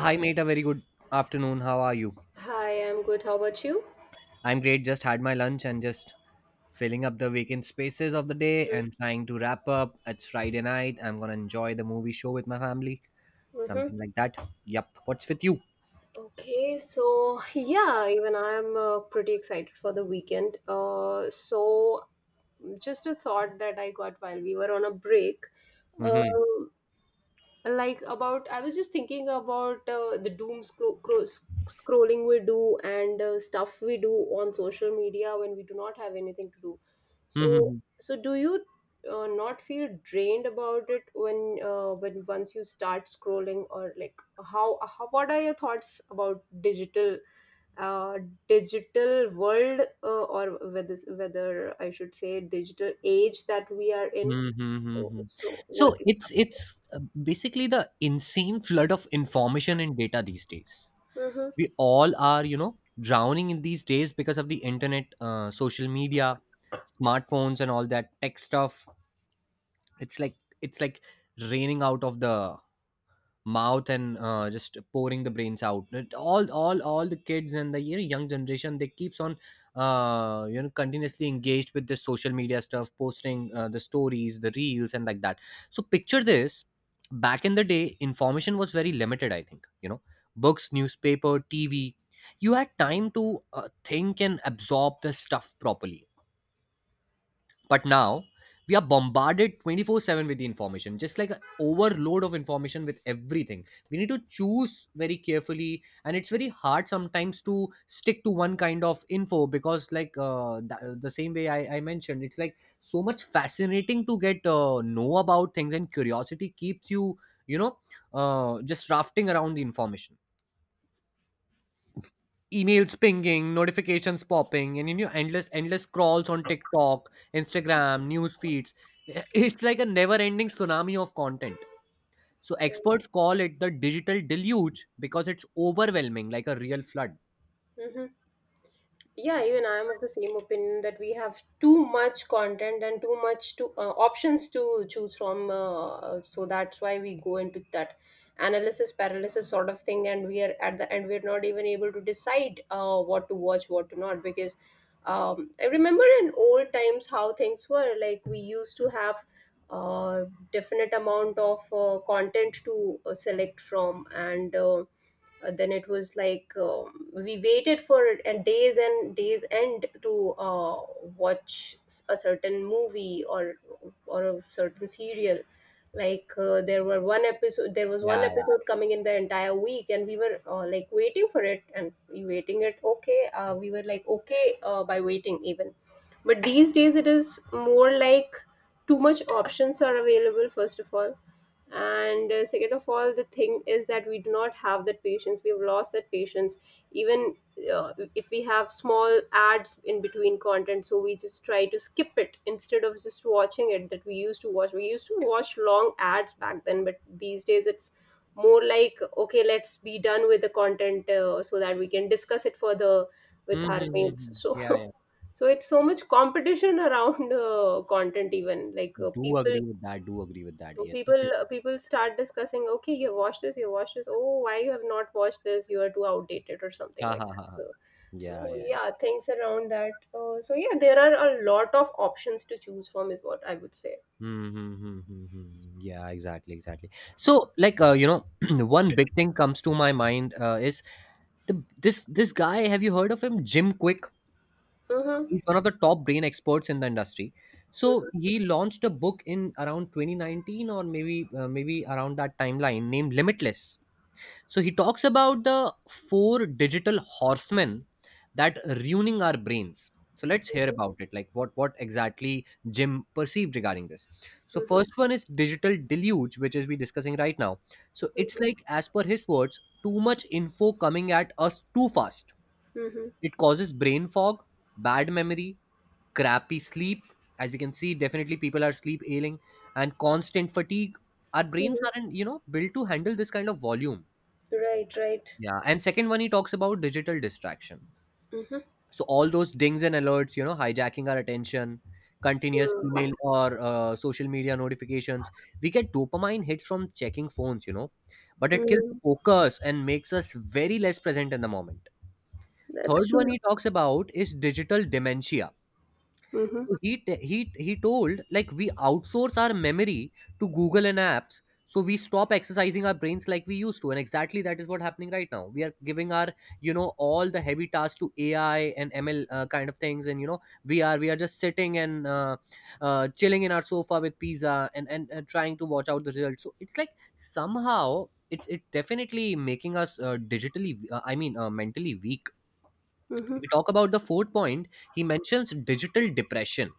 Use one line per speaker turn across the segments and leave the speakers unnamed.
Hi, mate. A very good afternoon. How are you?
Hi, I'm good. How about you?
I'm great. Just had my lunch and just filling up the vacant spaces of the day
Mm-hmm.
and trying to wrap up. It's Friday night. I'm gonna enjoy the movie show with my family.
Mm-hmm.
Something like that. Yup. What's with you?
Okay, so yeah, even I'm pretty excited for the weekend. So just a thought that I got while we were on a break.
Mm-hmm.
Um, like about I was just thinking about the doom scrolling we do, and stuff we do on social media when we do not have anything to do. so
Mm-hmm.
so do you not feel drained about it? When once you start scrolling, or like how what are your thoughts about uh, digital world? Or whether I should say digital age that we are in. so
Mm-hmm.
so
So
what do you-
it's basically the insane flood of information and data these days.
Mhm.
We all are, you know, drowning in these days because of the internet, social media, smartphones, and all that tech stuff. It's like it's like raining out of the mouth and just pouring the brains out. All the kids and the, you know, young generation, they keeps on you know, continuously engaged with this social media stuff, posting the stories, the reels, and like that. So picture this: back in the day information was very limited, I think, you know, books, newspaper, tv. You had time to think and absorb the stuff properly. But now we are bombarded 24/7 with the information, just like an overload of information with everything. We need to choose very carefully, and it's very hard sometimes to stick to one kind of info because, like, the same way I mentioned, it's like so much fascinating to get know about things, and curiosity keeps you, you know, just rafting around the information. Emails pinging, notifications popping, and, you know, endless, endless scrolls on TikTok, Instagram, news feeds. It's like a never-ending tsunami of content. So experts call it the digital deluge because it's overwhelming, like a real flood.
Mm-hmm. Yeah, even I am of the same opinion that we have too much content and too much to options to choose from. So that's why we go into that analysis paralysis sort of thing, and we are at the end we are not even able to decide what to watch, what to not. Because I remember in old times how things were. Like we used to have a definite amount of content to select from and. Then it was like we waited for and days end to watch a certain movie, or a certain serial. Like there was one
Yeah, yeah.
episode coming in the entire week, and we were like waiting for it, and we waiting it, okay, we were like okay, by waiting even. But these days it is more like too much options are available first of all, and second of all, the thing is that we do not have that patience, we've lost that patience. Even if we have small ads in between content, so we just try to skip it instead of just watching it, that we used to watch long ads back then. But these days it's more like, okay, let's be done with the content, so that we can discuss it further with
Hmm, hmm,
our
hmm,
mates,
hmm.
so.
Yeah, yeah.
So it's so much competition around content. Even like
Do
people
agree with that. Do agree with that. Yes, it
people
is.
people start discussing, okay, you have watched this, you have watched this, oh, why you have not watched this, you are too outdated, or something
Ha
like
ha
that.
ha,
so
ha. Yeah,
so
yeah.
yeah, things around that. So yeah, there are a lot of options to choose from is what I would say.
Hmm, hmm, hmm, hmm, hmm. Yeah, exactly, exactly. So, like, you know, one big thing comes to my mind is this guy, have you heard of him? Jim Quick.
Mm-hmm,
He's one of the top brain experts in the industry. So he launched a book in around 2019, or maybe around that timeline, named Limitless. So he talks about the 4 digital horsemen that are ruining our brains. So let's hear about it. Like, what exactly Jim perceived regarding this. So
mm-hmm,
first one is digital deluge, which is we discussing right now. So it's
mm-hmm,
like, as per his words, too much info coming at us too fast.
mm-hmm,
It causes brain fog, bad memory, crappy sleep. As we can see, definitely people are sleep ailing, and constant fatigue. Our brains
mm-hmm.
aren't, you know, built to handle this kind of volume.
Right, right.
Yeah. And second one, he talks about digital distraction.
Mm-hmm.
So all those dings and alerts, you know, hijacking our attention, continuous
Mm-hmm.
email or social media notifications. We get dopamine hits from checking phones, you know, but it kills
Mm-hmm.
focus and makes us very less present in the moment.
That's
Third one
true.
he talks about is digital dementia.
Mm-hmm,
So he he told, like, we outsource our memory to Google and apps, so we stop exercising our brains like we used to, and exactly that is what happening right now. We are giving our, you know, all the heavy tasks to AI and ML, kind of things, and, you know, we are just sitting and chilling in our sofa with pizza, and trying to watch out the results. So it's like, somehow it's, it definitely making us digitally, I mean, mentally weak.
mm-hmm.
We talk about the fourth point. He mentions digital depression.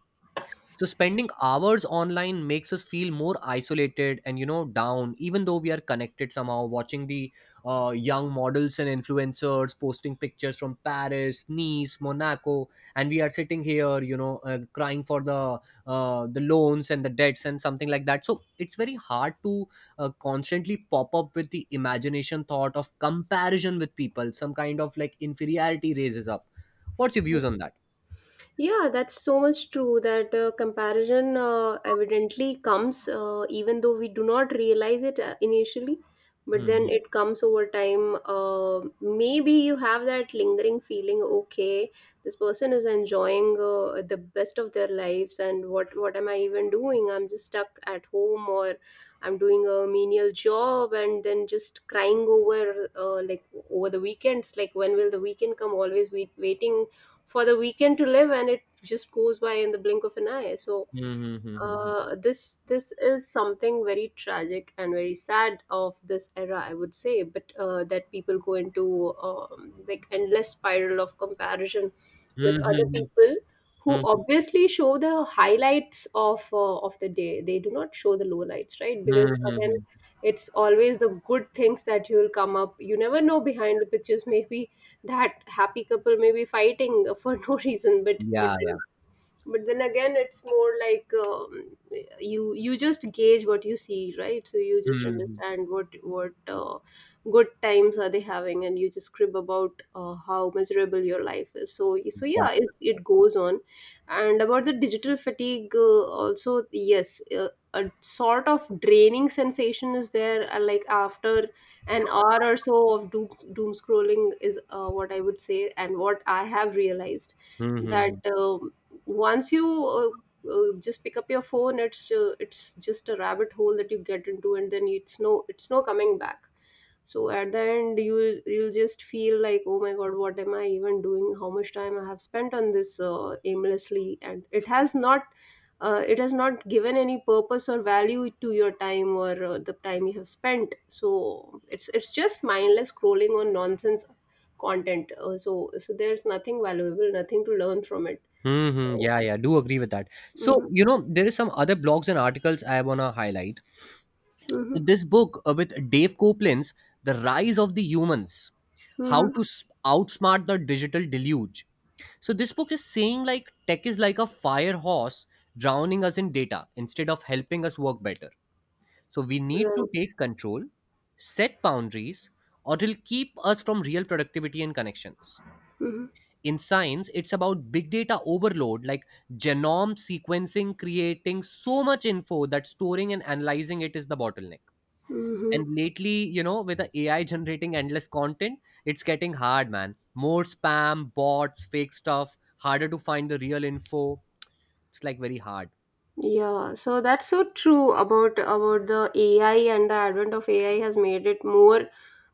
So spending hours online makes us feel more isolated and, you know, down, even though we are connected somehow, watching the young models and influencers posting pictures from Paris, Nice, Monaco, and we are sitting here, you know, crying for the loans and the debts and something like that. So it's very hard to constantly pop up with the imagination thought of comparison with people. Some kind of like inferiority raises up. What's your views on that?
Yeah, that's so much true that comparison evidently comes, even though we do not realize it initially, but then
Hmm,
it comes over time. Maybe you have that lingering feeling, okay, this person is enjoying the best of their lives, and what am I even doing? I'm just stuck at home, or I'm doing a menial job, and then just crying over like over the weekends, like when will the weekend come? Always waiting for the weekend to live, and it just goes by in the blink of an eye. So
hmm, hmm, hmm, hmm, hmm.
this is something very tragic and very sad of this era, I would say. But that people go into like endless spiral of comparison
Hmm,
with other
hmm,
people
hmm.
who
Mhm.
obviously show the highlights of the day. They do not show the lowlights, right?
Mhm,
Because
mhm,
again,
mhm.
it's always the good things that you'll come up. You never know behind the pictures. Maybe that happy couple may be fighting for no reason, but
Yeah, yeah.
then again it's more like, you just gauge what you see, right, so you just
Mhm.
understand what good times are they having, and you just crib about how miserable your life is. So yeah, it,
Exactly.
it goes on. And about the digital fatigue, also, yes, a sort of draining sensation is there, like after an hour or so of doom scrolling is what I would say, and what I have realized,
Mhm,
that
mhm.
once you just pick up your phone, it's just a rabbit hole that you get into, and then it's no coming back. So at the end, you'll just feel like, oh my god, what am I even doing, how much time I have spent on this, aimlessly, and it has not given any purpose or value to your time, or the time you have spent. So it's just mindless scrolling on nonsense content, so there's nothing valuable, nothing to learn from it.
Mhm. Yeah, yeah. Do agree with that. So,
Mm-hmm.
you know, there is some other blogs and articles I want to highlight.
Mm-hmm.
This book with Dave Copeland's The Rise of the Humans:
Mm-hmm.
How to Outsmart the Digital Deluge. So this book is saying, like, tech is like a fire hose drowning us in data instead of helping us work better. So we need to
Right.
take control, set boundaries, or it'll keep us from real productivity and connections.
Mm-hmm.
In science, it's about big data overload, like genome sequencing, creating so much info that storing and analyzing it is the bottleneck. And
Mm-hmm.
lately, you know, with the AI generating endless content, it's getting hard, man. More spam, bots, fake stuff, harder to find the real info. It's like very hard.
Yeah, so that's so true about the AI, and the advent of AI has made it more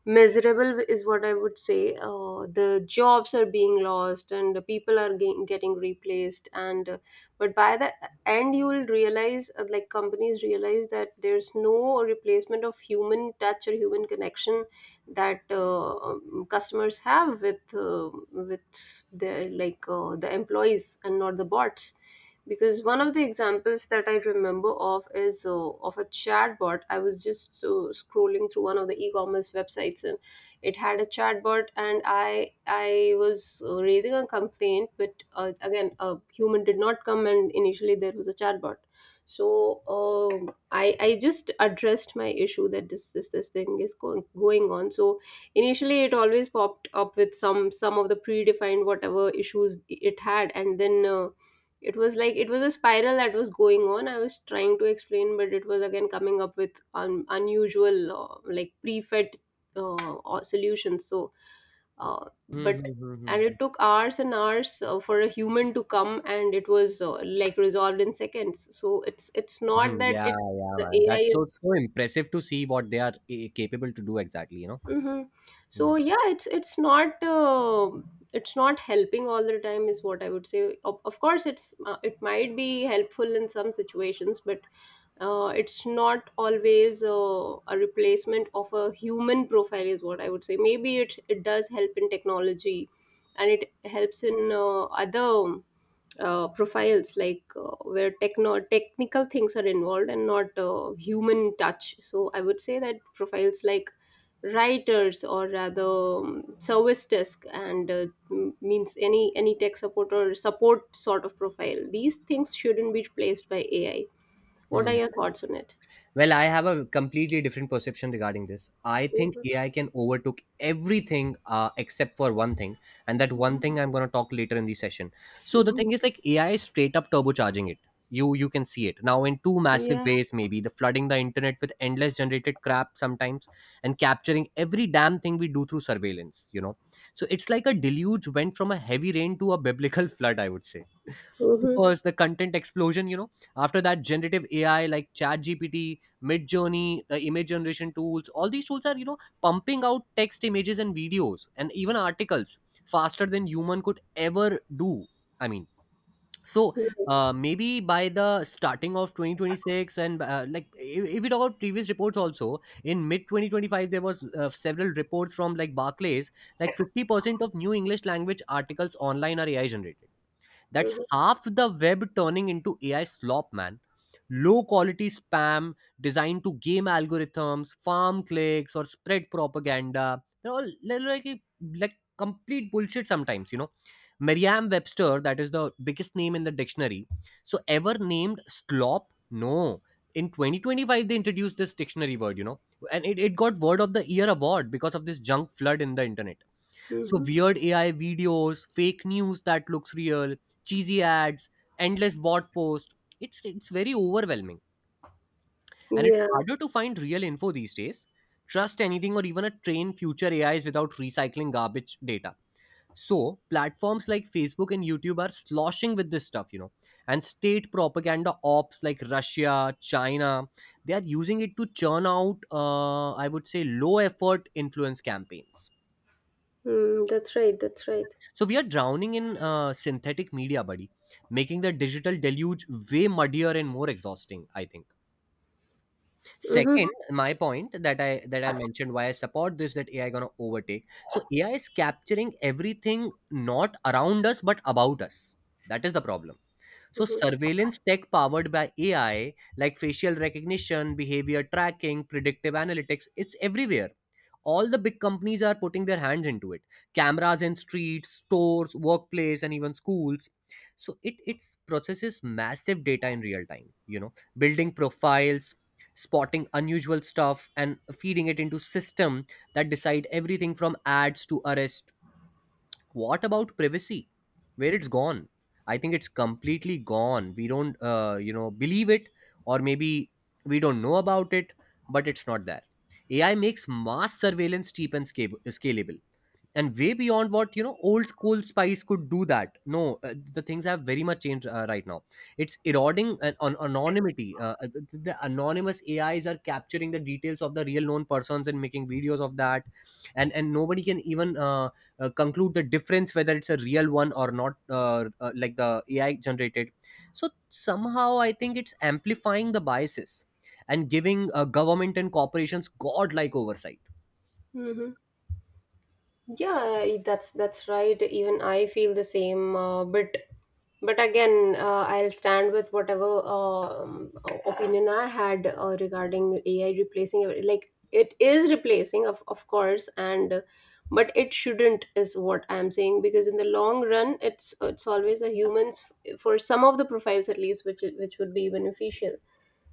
miserable is what I would say. The jobs are being lost and the people are getting replaced, and but by the end you will realize like companies realize that there's no replacement of human touch or human connection that customers have with their, like, the employees and not the bots. Because one of the examples that I remember of is of a chatbot. I was just scrolling through one of the e-commerce websites, and it had a chatbot, and I was raising a complaint, but again, a human did not come, and initially there was a chatbot. So um I just addressed my issue that this thing is going on. So initially it always popped up with some of the predefined whatever issues it had, and then. It was like it was a spiral that was going on. I was trying to explain, but it was again coming up with unusual, like prefed or solutions. so uh,
Hmm,
but
hmm, hmm,
and it
hmm.
took hours and hours for a human to come, and it was like resolved in seconds. So it's not
Mhm.
that
Yeah,
it,
yeah,
the
man.
AI
That's so
is.
so impressive to see what they are eh, capable to do exactly, you know.
hmm so yeah, it's not helping all the time is what I would say. Of course, it's, it might be helpful in some situations, but it's not always a replacement of a human profile is what I would say. Maybe it does help in technology, and it helps in other profiles like where techno technical things are involved, and not human touch. So I would say that profiles like writers, or rather, service desk, and means any tech support or support sort of profile, these things shouldn't be replaced by AI. What are
Mm.
your thoughts on it?
Well, I have a completely different perception regarding this. I think
Mhm,
AI can overtook everything, except for one thing, and that one
mhm,
thing I'm going to talk later in the session. So the
mhm.
thing is, like, AI is straight up turbocharging it. You can see it now in two massive
Yeah.
ways. Maybe the flooding the internet with endless generated crap sometimes, and capturing every damn thing we do through surveillance. You know, so it's like a deluge went from a heavy rain to a biblical flood, I would say. So
Mhm.
first, the content explosion, you know, after that, generative AI like ChatGPT, Midjourney, the image generation tools, all these tools are, you know, pumping out text, images, and videos, and even articles faster than human could ever do. I mean, so
Right.
maybe by the starting of 2026, and like, if we talk about previous reports also, in mid 2025, there was several reports from like Barclays, like 50% of new English language articles online are AI generated. That's
Mhm.
half the web turning into AI slop, man. Low quality spam designed to game algorithms, farm clicks, or spread propaganda. They're all like complete bullshit sometimes, you know. Merriam Webster, that is the biggest name in the dictionary. So, ever named slop? No. In 2025, they introduced this dictionary word, you know, and it got Word of the Year award because of this junk flood in the internet. So
Mhm.
weird AI videos, fake news that looks real, cheesy ads, endless bot posts. It's very overwhelming. And it's
Yeah.
harder to find real info these days. Trust anything, or even a train future A is without recycling garbage data. So platforms like Facebook and YouTube are sloshing with this stuff, you know. And state propaganda ops like Russia, China, they are using it to churn out, I would say, low effort influence campaigns.
Mm, that's right. That's right.
So we are drowning in synthetic media, buddy, making the digital deluge way muddier and more exhausting, I think.
Mhm.
Second, my point that I mentioned why I support this that AI gonna overtake. So AI is capturing everything not around us but about us. That is the problem. So,
Mhm.
surveillance tech powered by AI, like facial recognition, behavior tracking, predictive analytics, it's everywhere. All the big companies are putting their hands into it. Cameras in streets, stores, workplace, and even schools. So it processes massive data in real time. You know, building profiles, spotting unusual stuff, and feeding it into system that decide everything from ads to arrest. What about privacy? Where it's gone? I think it's completely gone. We don't, you know, believe it, or maybe we don't know about it, but it's not there. AI makes mass surveillance cheap and scalable, and way beyond what, you know, old school spice could do. That, no, the things have very much changed right now. It's eroding an anonymity. The anonymous AIs are capturing the details of the real known persons and making videos of that, and nobody can even conclude the difference whether it's a real one or not, like the AI generated. So somehow I think it's amplifying the biases, and giving government and corporations godlike oversight.
Mhm. Yeah, that's right. Even I feel the same. But again, I'll stand with whatever opinion I had regarding AI replacing like. It is replacing, of course, and but it shouldn't is what I'm saying, because in the long run, it's always a humans for some of the profiles at least, which which would be beneficial.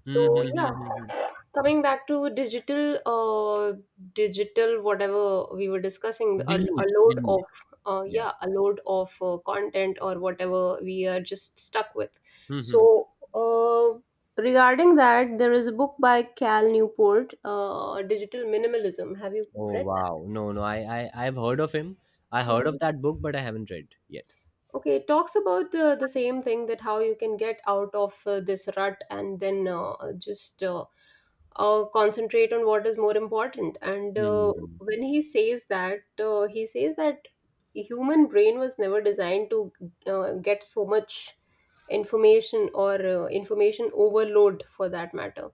Hmm,
So
hmm, hmm,
yeah,
hmm, hmm.
coming back to digital, whatever we were discussing, a
deluge
load of,
deluge Yeah.
yeah, a load of content or whatever we are just stuck with.
Hmm.
So, uh, regarding that, there is a book by Cal Newport, Digital Minimalism. Have you
Oh
read
wow. No, no. I, I've heard of him. I
that?
heard
Mhm.
of that book, but I haven't read yet.
Okay, it talks about the same thing, that how you can get out of this rut, and then just concentrate on what is more important, and
Hmm.
when he says that, he says that human brain was never designed to get so much information, or information overload for that matter.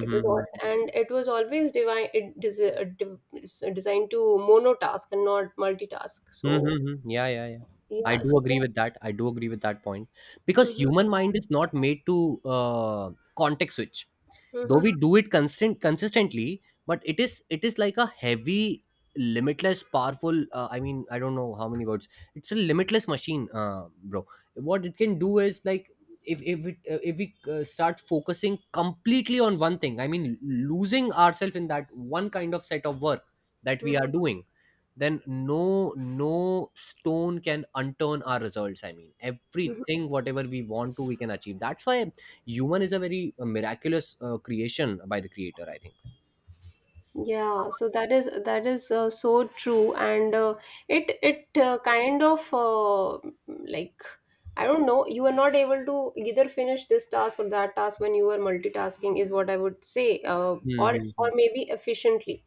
It was all, and it was always divine, it desi- div- designed to monotask and not multitask, so
Mm-hmm. Yeah, yeah, yeah. I
yeah,
do
so.
agree with that. I do agree with that point because
Mhm,
human mind is not made to context switch. Though
mhm,
we do it constant consistently, but it is like a heavy, limitless, powerful, I mean, I don't know how many words, it's a limitless machine, bro. What it can do is like, if we start focusing completely on one thing, I mean losing ourselves in that one kind of set of work that we are
mhm,
doing, then no stone can unturn our results. I mean,
mhm.
everything whatever we want to, we can achieve. That's why human is a very miraculous creation by the creator, I think.
Yeah, so that is so true, and it kind of, like I don't know, you are not able to either finish this task or that task when you are multitasking is what I would say, or
Mm-hmm.
or maybe efficiently.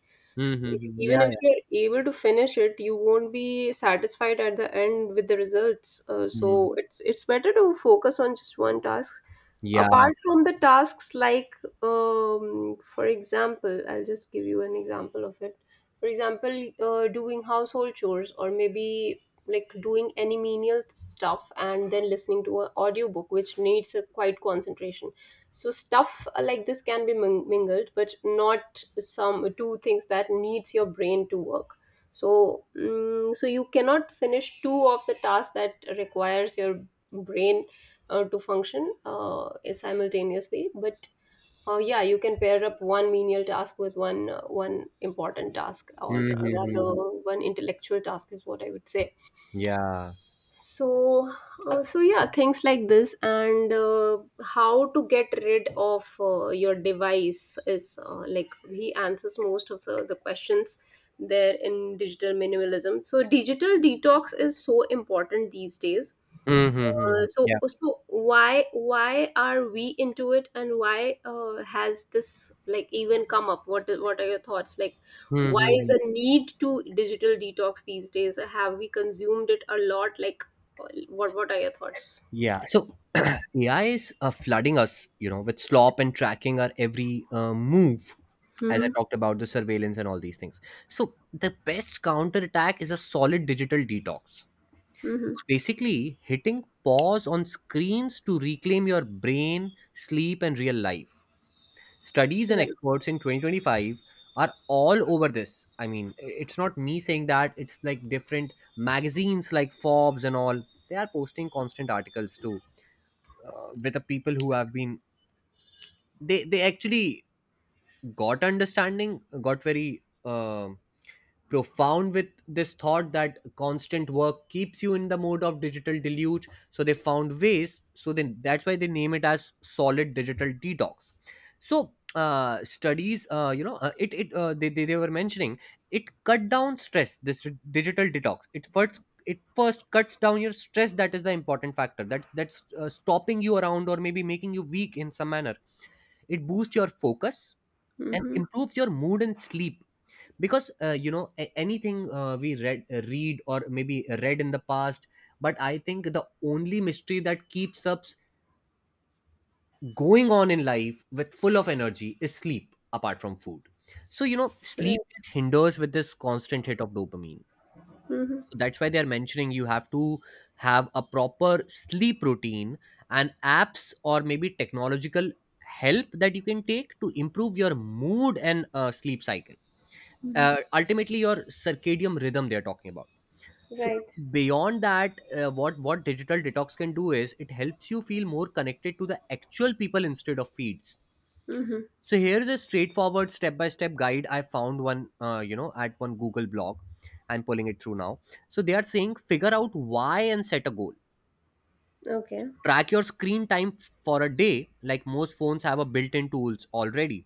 If,
Mm-hmm. Yeah,
even if
yeah.
you're able to finish it, you won't be satisfied at the end with the results.
Mm-hmm.
So it's better to focus on just one task.
Yeah.
Apart from the tasks, like, for example, I'll just give you an example of it. For example, doing household chores, or maybe like doing any menial stuff, and then listening to an audiobook, which needs a quite concentration. So stuff, like this, can be mingled, but not some two things that needs your brain to work. So you cannot finish two of the tasks that requires your brain to function simultaneously. But yeah, you can pair up one menial task with one one important task, or rather
Mm-hmm.
one intellectual task is what I would say.
Yeah.
So so yeah, things like this. And how to get rid of your device is like he answers most of the questions there in Digital Minimalism. So digital detox is so important these days.
Mm-hmm.
uh, so
Yeah.
so why are we into it, and why has this like even come up? What are your thoughts, like why
Mm-hmm.
is
Yeah.
the need to digital detox these days? Have we consumed it a lot, like what? What are your thoughts?
Yeah, so AI is flooding us, with slop and tracking our every move, as I
Mm-hmm.
talked about the surveillance and all these things. So the best counterattack is a solid digital detox.
Mm-hmm.
It's basically hitting pause on screens to reclaim your brain, sleep, and real life. Studies and
Right.
experts in 2025 are all over this. I mean, it's not me saying that, it's like different magazines like Forbes and all. They are posting constant articles too, with the people who have been, they actually got understanding, got very um profound with this thought that constant work keeps you in the mode of digital deluge. So they found ways, so then that's why they name it as solid digital detox. So studies, you know it, it they were mentioning it cut down stress. This digital detox, it first cuts down your stress. That is the important factor, that's stopping you around or maybe making you weak in some manner. It boosts your focus and
Mm-hmm.
improves your mood and sleep, because anything we read, or maybe read in the past. But I think the only mystery that keeps us going on in life with full of energy is sleep, apart from food. So, you know, sleep hinders with this constant hit of dopamine.
Mm-hmm.
So that's why they are mentioning you have to have a proper sleep routine and apps or maybe technological help that you can take to improve your mood and sleep cycle,
Hmm.
ultimately your circadian rhythm, they're talking about. So
Right.
beyond that, what digital detox can do is it helps you feel more connected to the actual people instead of feeds.
Mm-hmm.
So here's a straightforward step-by-step guide. I found one, at one Google blog. I'm pulling it through now. So they are saying, figure out why and set a goal.
Okay.
Track your screen time for a day, like most phones have a built in tools already.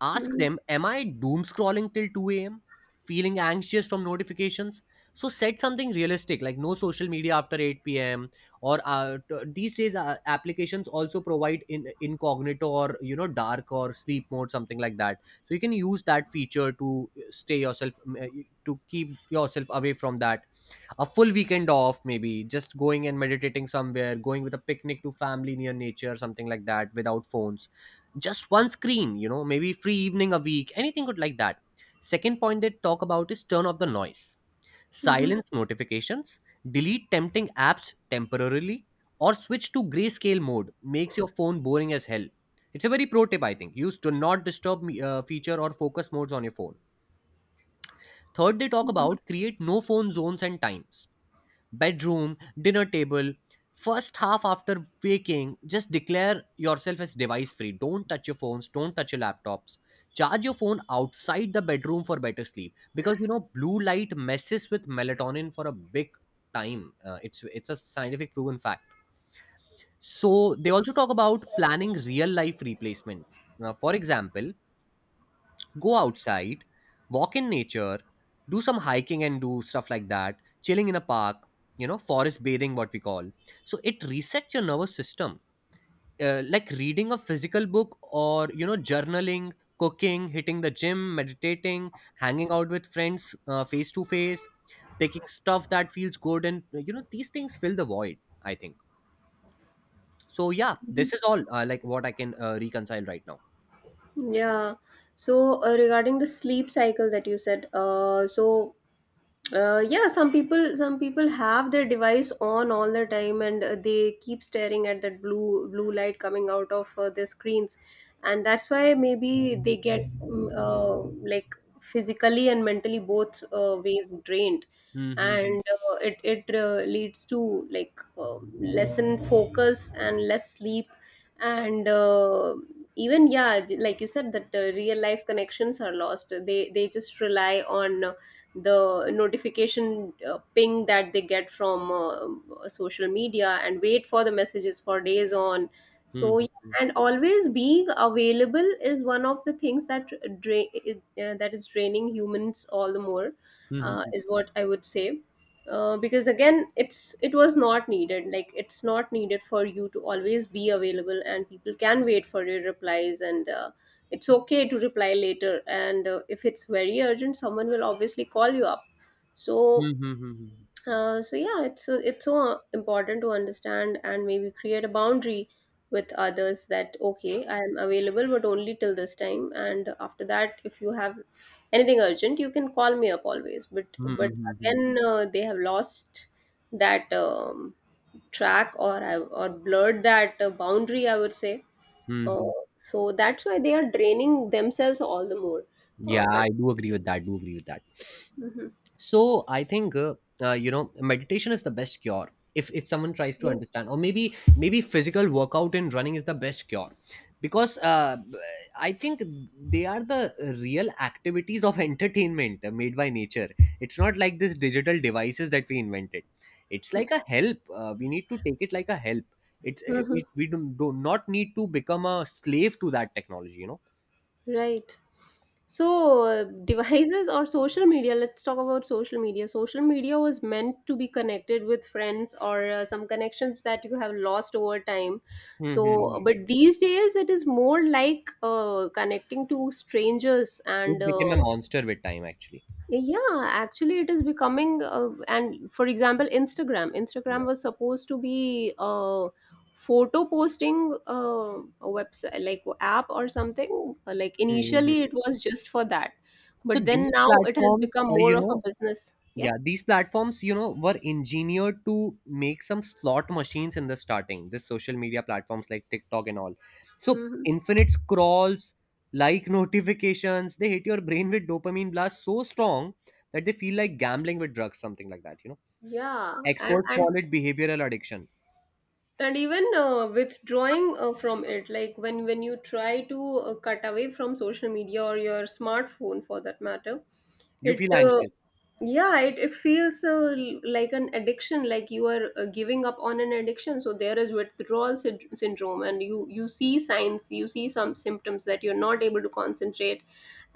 Ask
Mm-hmm.
them, am I doom scrolling till 2 a.m.? Feeling anxious from notifications? So set something realistic, like no social media after 8 p.m. Or these days, applications also provide in incognito or, dark or sleep mode, something like that. So you can use that feature to to keep yourself away from that. A full weekend off, maybe just going and meditating somewhere, going with a picnic to family near nature, something like that, without phones. Just one screen, maybe free evening a week, anything good like that. Second point they talk about is turn off the noise:
Mm-hmm.
silence notifications, delete tempting apps temporarily, or switch to grayscale mode. Makes your phone boring as hell. It's a very pro tip, I think. Use do not disturb feature or focus modes on your phone. Third, they talk
Mm-hmm.
about create no phone zones and times: bedroom, dinner table. First half after waking, just declare yourself as device free. Don't touch your phones, don't touch your laptops. Charge your phone outside the bedroom for better sleep, because you know blue light messes with melatonin for a big time. It's a scientific proven fact. So they also talk about planning real life replacements. Now, for example, go outside, walk in nature, do some hiking and do stuff like that, chilling in a park, you know, forest bathing, what we call. So it resets your nervous system. Like reading a physical book, or, you know, journaling, cooking, hitting the gym, meditating, hanging out with friends face to face, taking stuff that feels good. And, these things fill the void, I think. So, yeah, this is all like what I can reconcile right now.
Yeah. So regarding the sleep cycle that you said, yeah, some people have their device on all the time, and they keep staring at that blue light coming out of their screens, and that's why maybe they get like physically and mentally both ways drained,
Mm-hmm.
and it leads to like lessen focus and less sleep, and even yeah, like you said that real life connections are lost. They just rely on the notification ping that they get from social media and wait for the messages for days on. So yeah,
Mm-hmm.
and always being available is one of the things that drain, that is draining humans all the more,
Mm-hmm.
is what I would say, because again it's it was not needed. Like it's not needed for you to always be available, and people can wait for your replies. And it's okay to reply later, and if it's very urgent, someone will obviously call you up. So
Mm-hmm.
so yeah, it's so important to understand and maybe create a boundary with others that, okay, I'm available but only till this time, and after that, if you have anything urgent, you can call me up always. But
Mhm,
but
mhm, mhm.
again, they have lost that track, or blurred that boundary, I would say. Uh,
Mhm.
so that's why they are draining themselves all the more
Yeah,
by.
I do agree with that. Do agree with that.
Mhm.
So I think, meditation is the best cure. If someone tries to
Yeah.
understand, or maybe physical workout and running is the best cure, because I think they are the real activities of entertainment made by nature. It's not like this digital devices that we invented. It's like a help. We need to take it like a help. It's
Mhm.
we do not need to become a slave to that technology. You know.
Right. So, devices or social media, let's talk about social media. Social media was meant to be connected with friends or some connections that you have lost over time. So,
Mhm.
but these days it is more like connecting to strangers. And
It became a monster with time, actually.
yeah, actually, it is becoming, and for example, Instagram.
Yeah.
Instagram was supposed to be a photo posting a website, like app or something. Like
Mhm.
initially, it was just for that,
So
but then
these
now it has
platforms,
become more
you
of a
know,
business. Yeah.
yeah, these platforms, you know, were engineered to make some slot machines in the starting. This social media platforms like TikTok and all. So
Hmm.
infinite scrolls, like notifications, they hit your brain with dopamine blasts so strong that they feel like gambling with drugs, something like that.
Yeah. and
Experts
and
call it behavioral addiction.
and even withdrawing from it, like when you try to cut away from social media or your smartphone for that matter,
You
it
feel anxious.
yeah, it feels like an addiction, like you are giving up on an addiction. So there is syndrome, and you see signs, you see some symptoms that you're not able to concentrate,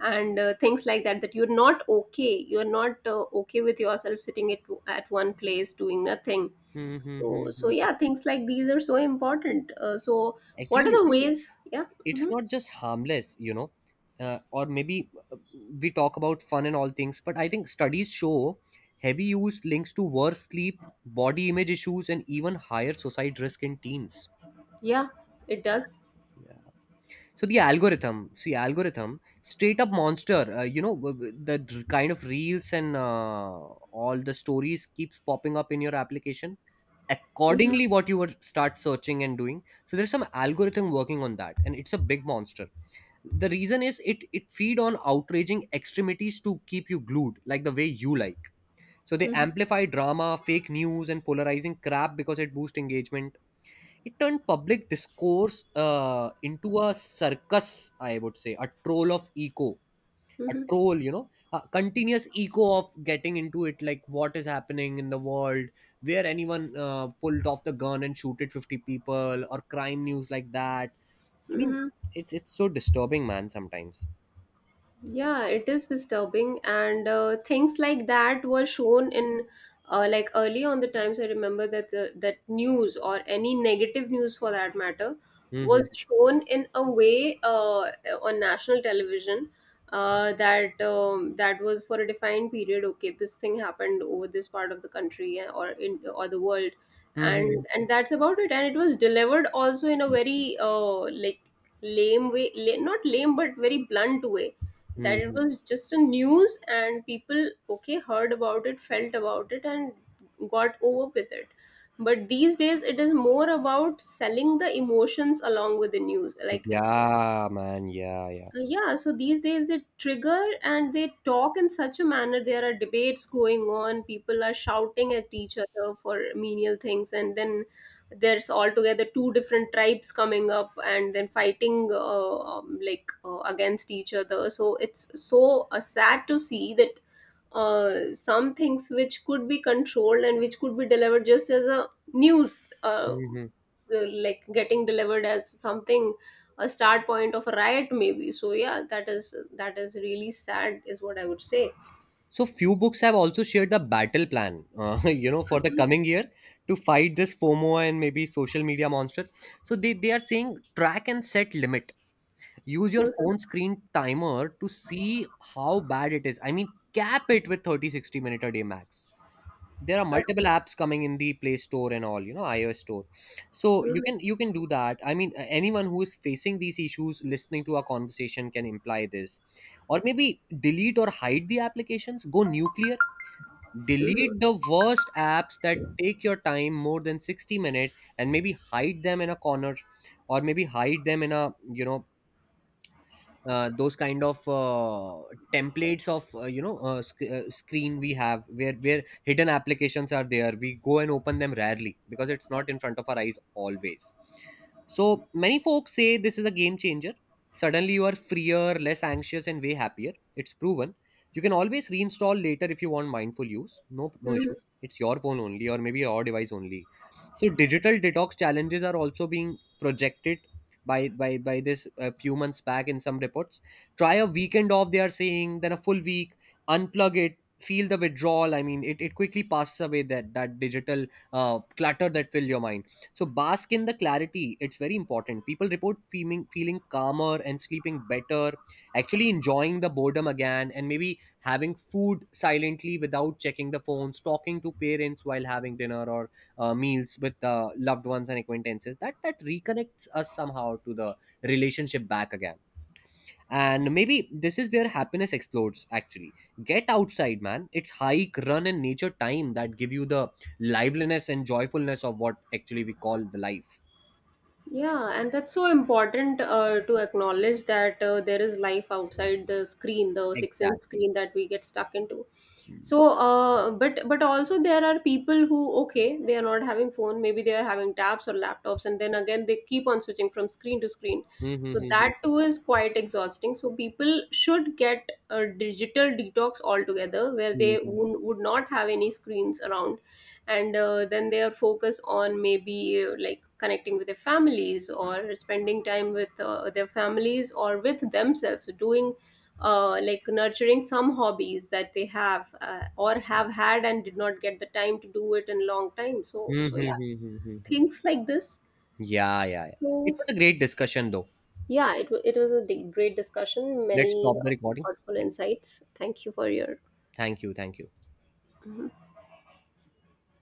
and things like that, that you're not okay, you're not okay with yourself sitting at one place doing nothing.
Hmm, hmm, hmm,
So
hmm. Hmm.
yeah, things like these are so important, so what are
Actually,
the ways? Yeah.
it's
Hmm.
not just harmless. Or maybe, we talk about fun and all things, but I think studies show heavy use links to worse sleep, body image issues, and even higher suicide risk in teens.
Yeah, it does.
So the algorithm, see, algorithm, straight up monster. The kind of reels and all the stories keeps popping up in your application.
Hmm.
Accordingly, what you would start searching and doing. So there's some algorithm working on that, and it's a big monster. The reason is, it feed on outraging extremities to keep you glued, like the way you like. So they amplify drama, fake news, and polarizing crap because it boosts engagement. It turned public discourse into a circus, I would say, a troll of eco, a
Hmm.
troll, a continuous echo of getting into it, like what is happening in the world, where anyone pulled off the gun and shooted 50 people, or crime news like that. I mean,
Hmm.
it's so disturbing, man, sometimes.
Yeah, it is disturbing, and things like that were shown in like early on the times. I remember that that news or any negative news for that matter
Hmm,
was shown in a way on national television that that was for a defined period. Okay, this thing happened over this part of the country, or in or the world,
hmm,
and that's about it. And it was delivered also in a very like lame way, not lame but very blunt way, that it
hmm.
was just a news, and people, okay, heard about it, felt about it, and got over with it. But these days it is more about selling the emotions along with the news. Like it's
Yeah, man. Yeah, yeah.
yeah, so these days they trigger and they talk in such a manner. There are debates going on. People are shouting at each other for menial things, and then there's altogether two different tribes coming up and then fighting, like against each other. So it's so sad to see that some things which could be controlled and which could be delivered just as a news.
Hmm.
Like getting delivered as something, a start point of a riot maybe. So yeah, that is, that is really sad, is what I would say.
So few books have also shared the battle plan, for the coming year, to fight this FOMO and maybe social media monster. So they, are saying track and set limit. Use your
Mhm.
phone screen timer to see how bad it is. I mean, cap it with thirty sixty 60 minute a day max. There are
Okay.
multiple apps coming in the Play Store and all, iOS store. So
Mhm.
you can do that. I mean, anyone who is facing these issues listening to our conversation can imply this. Or maybe delete or hide the applications. Go nuclear. Delete
Mhm.
the worst apps that take your time more than 60 minutes and maybe hide them in a corner, or maybe hide them in a, those kind of templates of screen we have, where hidden applications are there, we go and open them rarely because it's not in front of our eyes always. So many folks say this is a game changer. Suddenly you are freer, less anxious, and way happier. It's proven. You can always reinstall later if you want mindful use. No, no
Mhm.
issues. It's your phone only, or maybe your device only. So digital detox challenges are also being projected by this a few months back in some reports. Try a weekend off, they are saying, then a full week. Unplug it. Feel the withdrawal. I mean, it quickly passes away, that digital clutter that fill your mind. So bask in the clarity. It's very important. People report feeling calmer and sleeping better, actually enjoying the boredom again, and maybe having food silently without checking the phones, talking to parents while having dinner or meals with loved ones and acquaintances. That reconnects us somehow to the relationship back again, and maybe this is where happiness explodes actually. Get outside, man. It's hike, run, and nature time that give you the liveliness and joyfulness of what actually we call the life.
Yeah, and that's so important to acknowledge that there is life outside the screen, the 6-inch
Exactly.
screen that we get stuck into. So but also there are people who, okay, they are not having phone, maybe they are having tabs or laptops, and then again they keep on switching from screen to screen. So that too is quite exhausting. So people should get a digital detox altogether where they would not have any screens around, and then they are focused on maybe like connecting with their families or spending time with their families or with themselves doing like nurturing some hobbies that they have or have had and did not get the time to do it in long time. So yeah, things like this.
Yeah, yeah, yeah. It
So
was a great discussion, though.
yeah, it was a great discussion.
Let's
Many
stop the recording.
thoughtful
Yeah.
insights. Thank you for your
Thank you, thank you.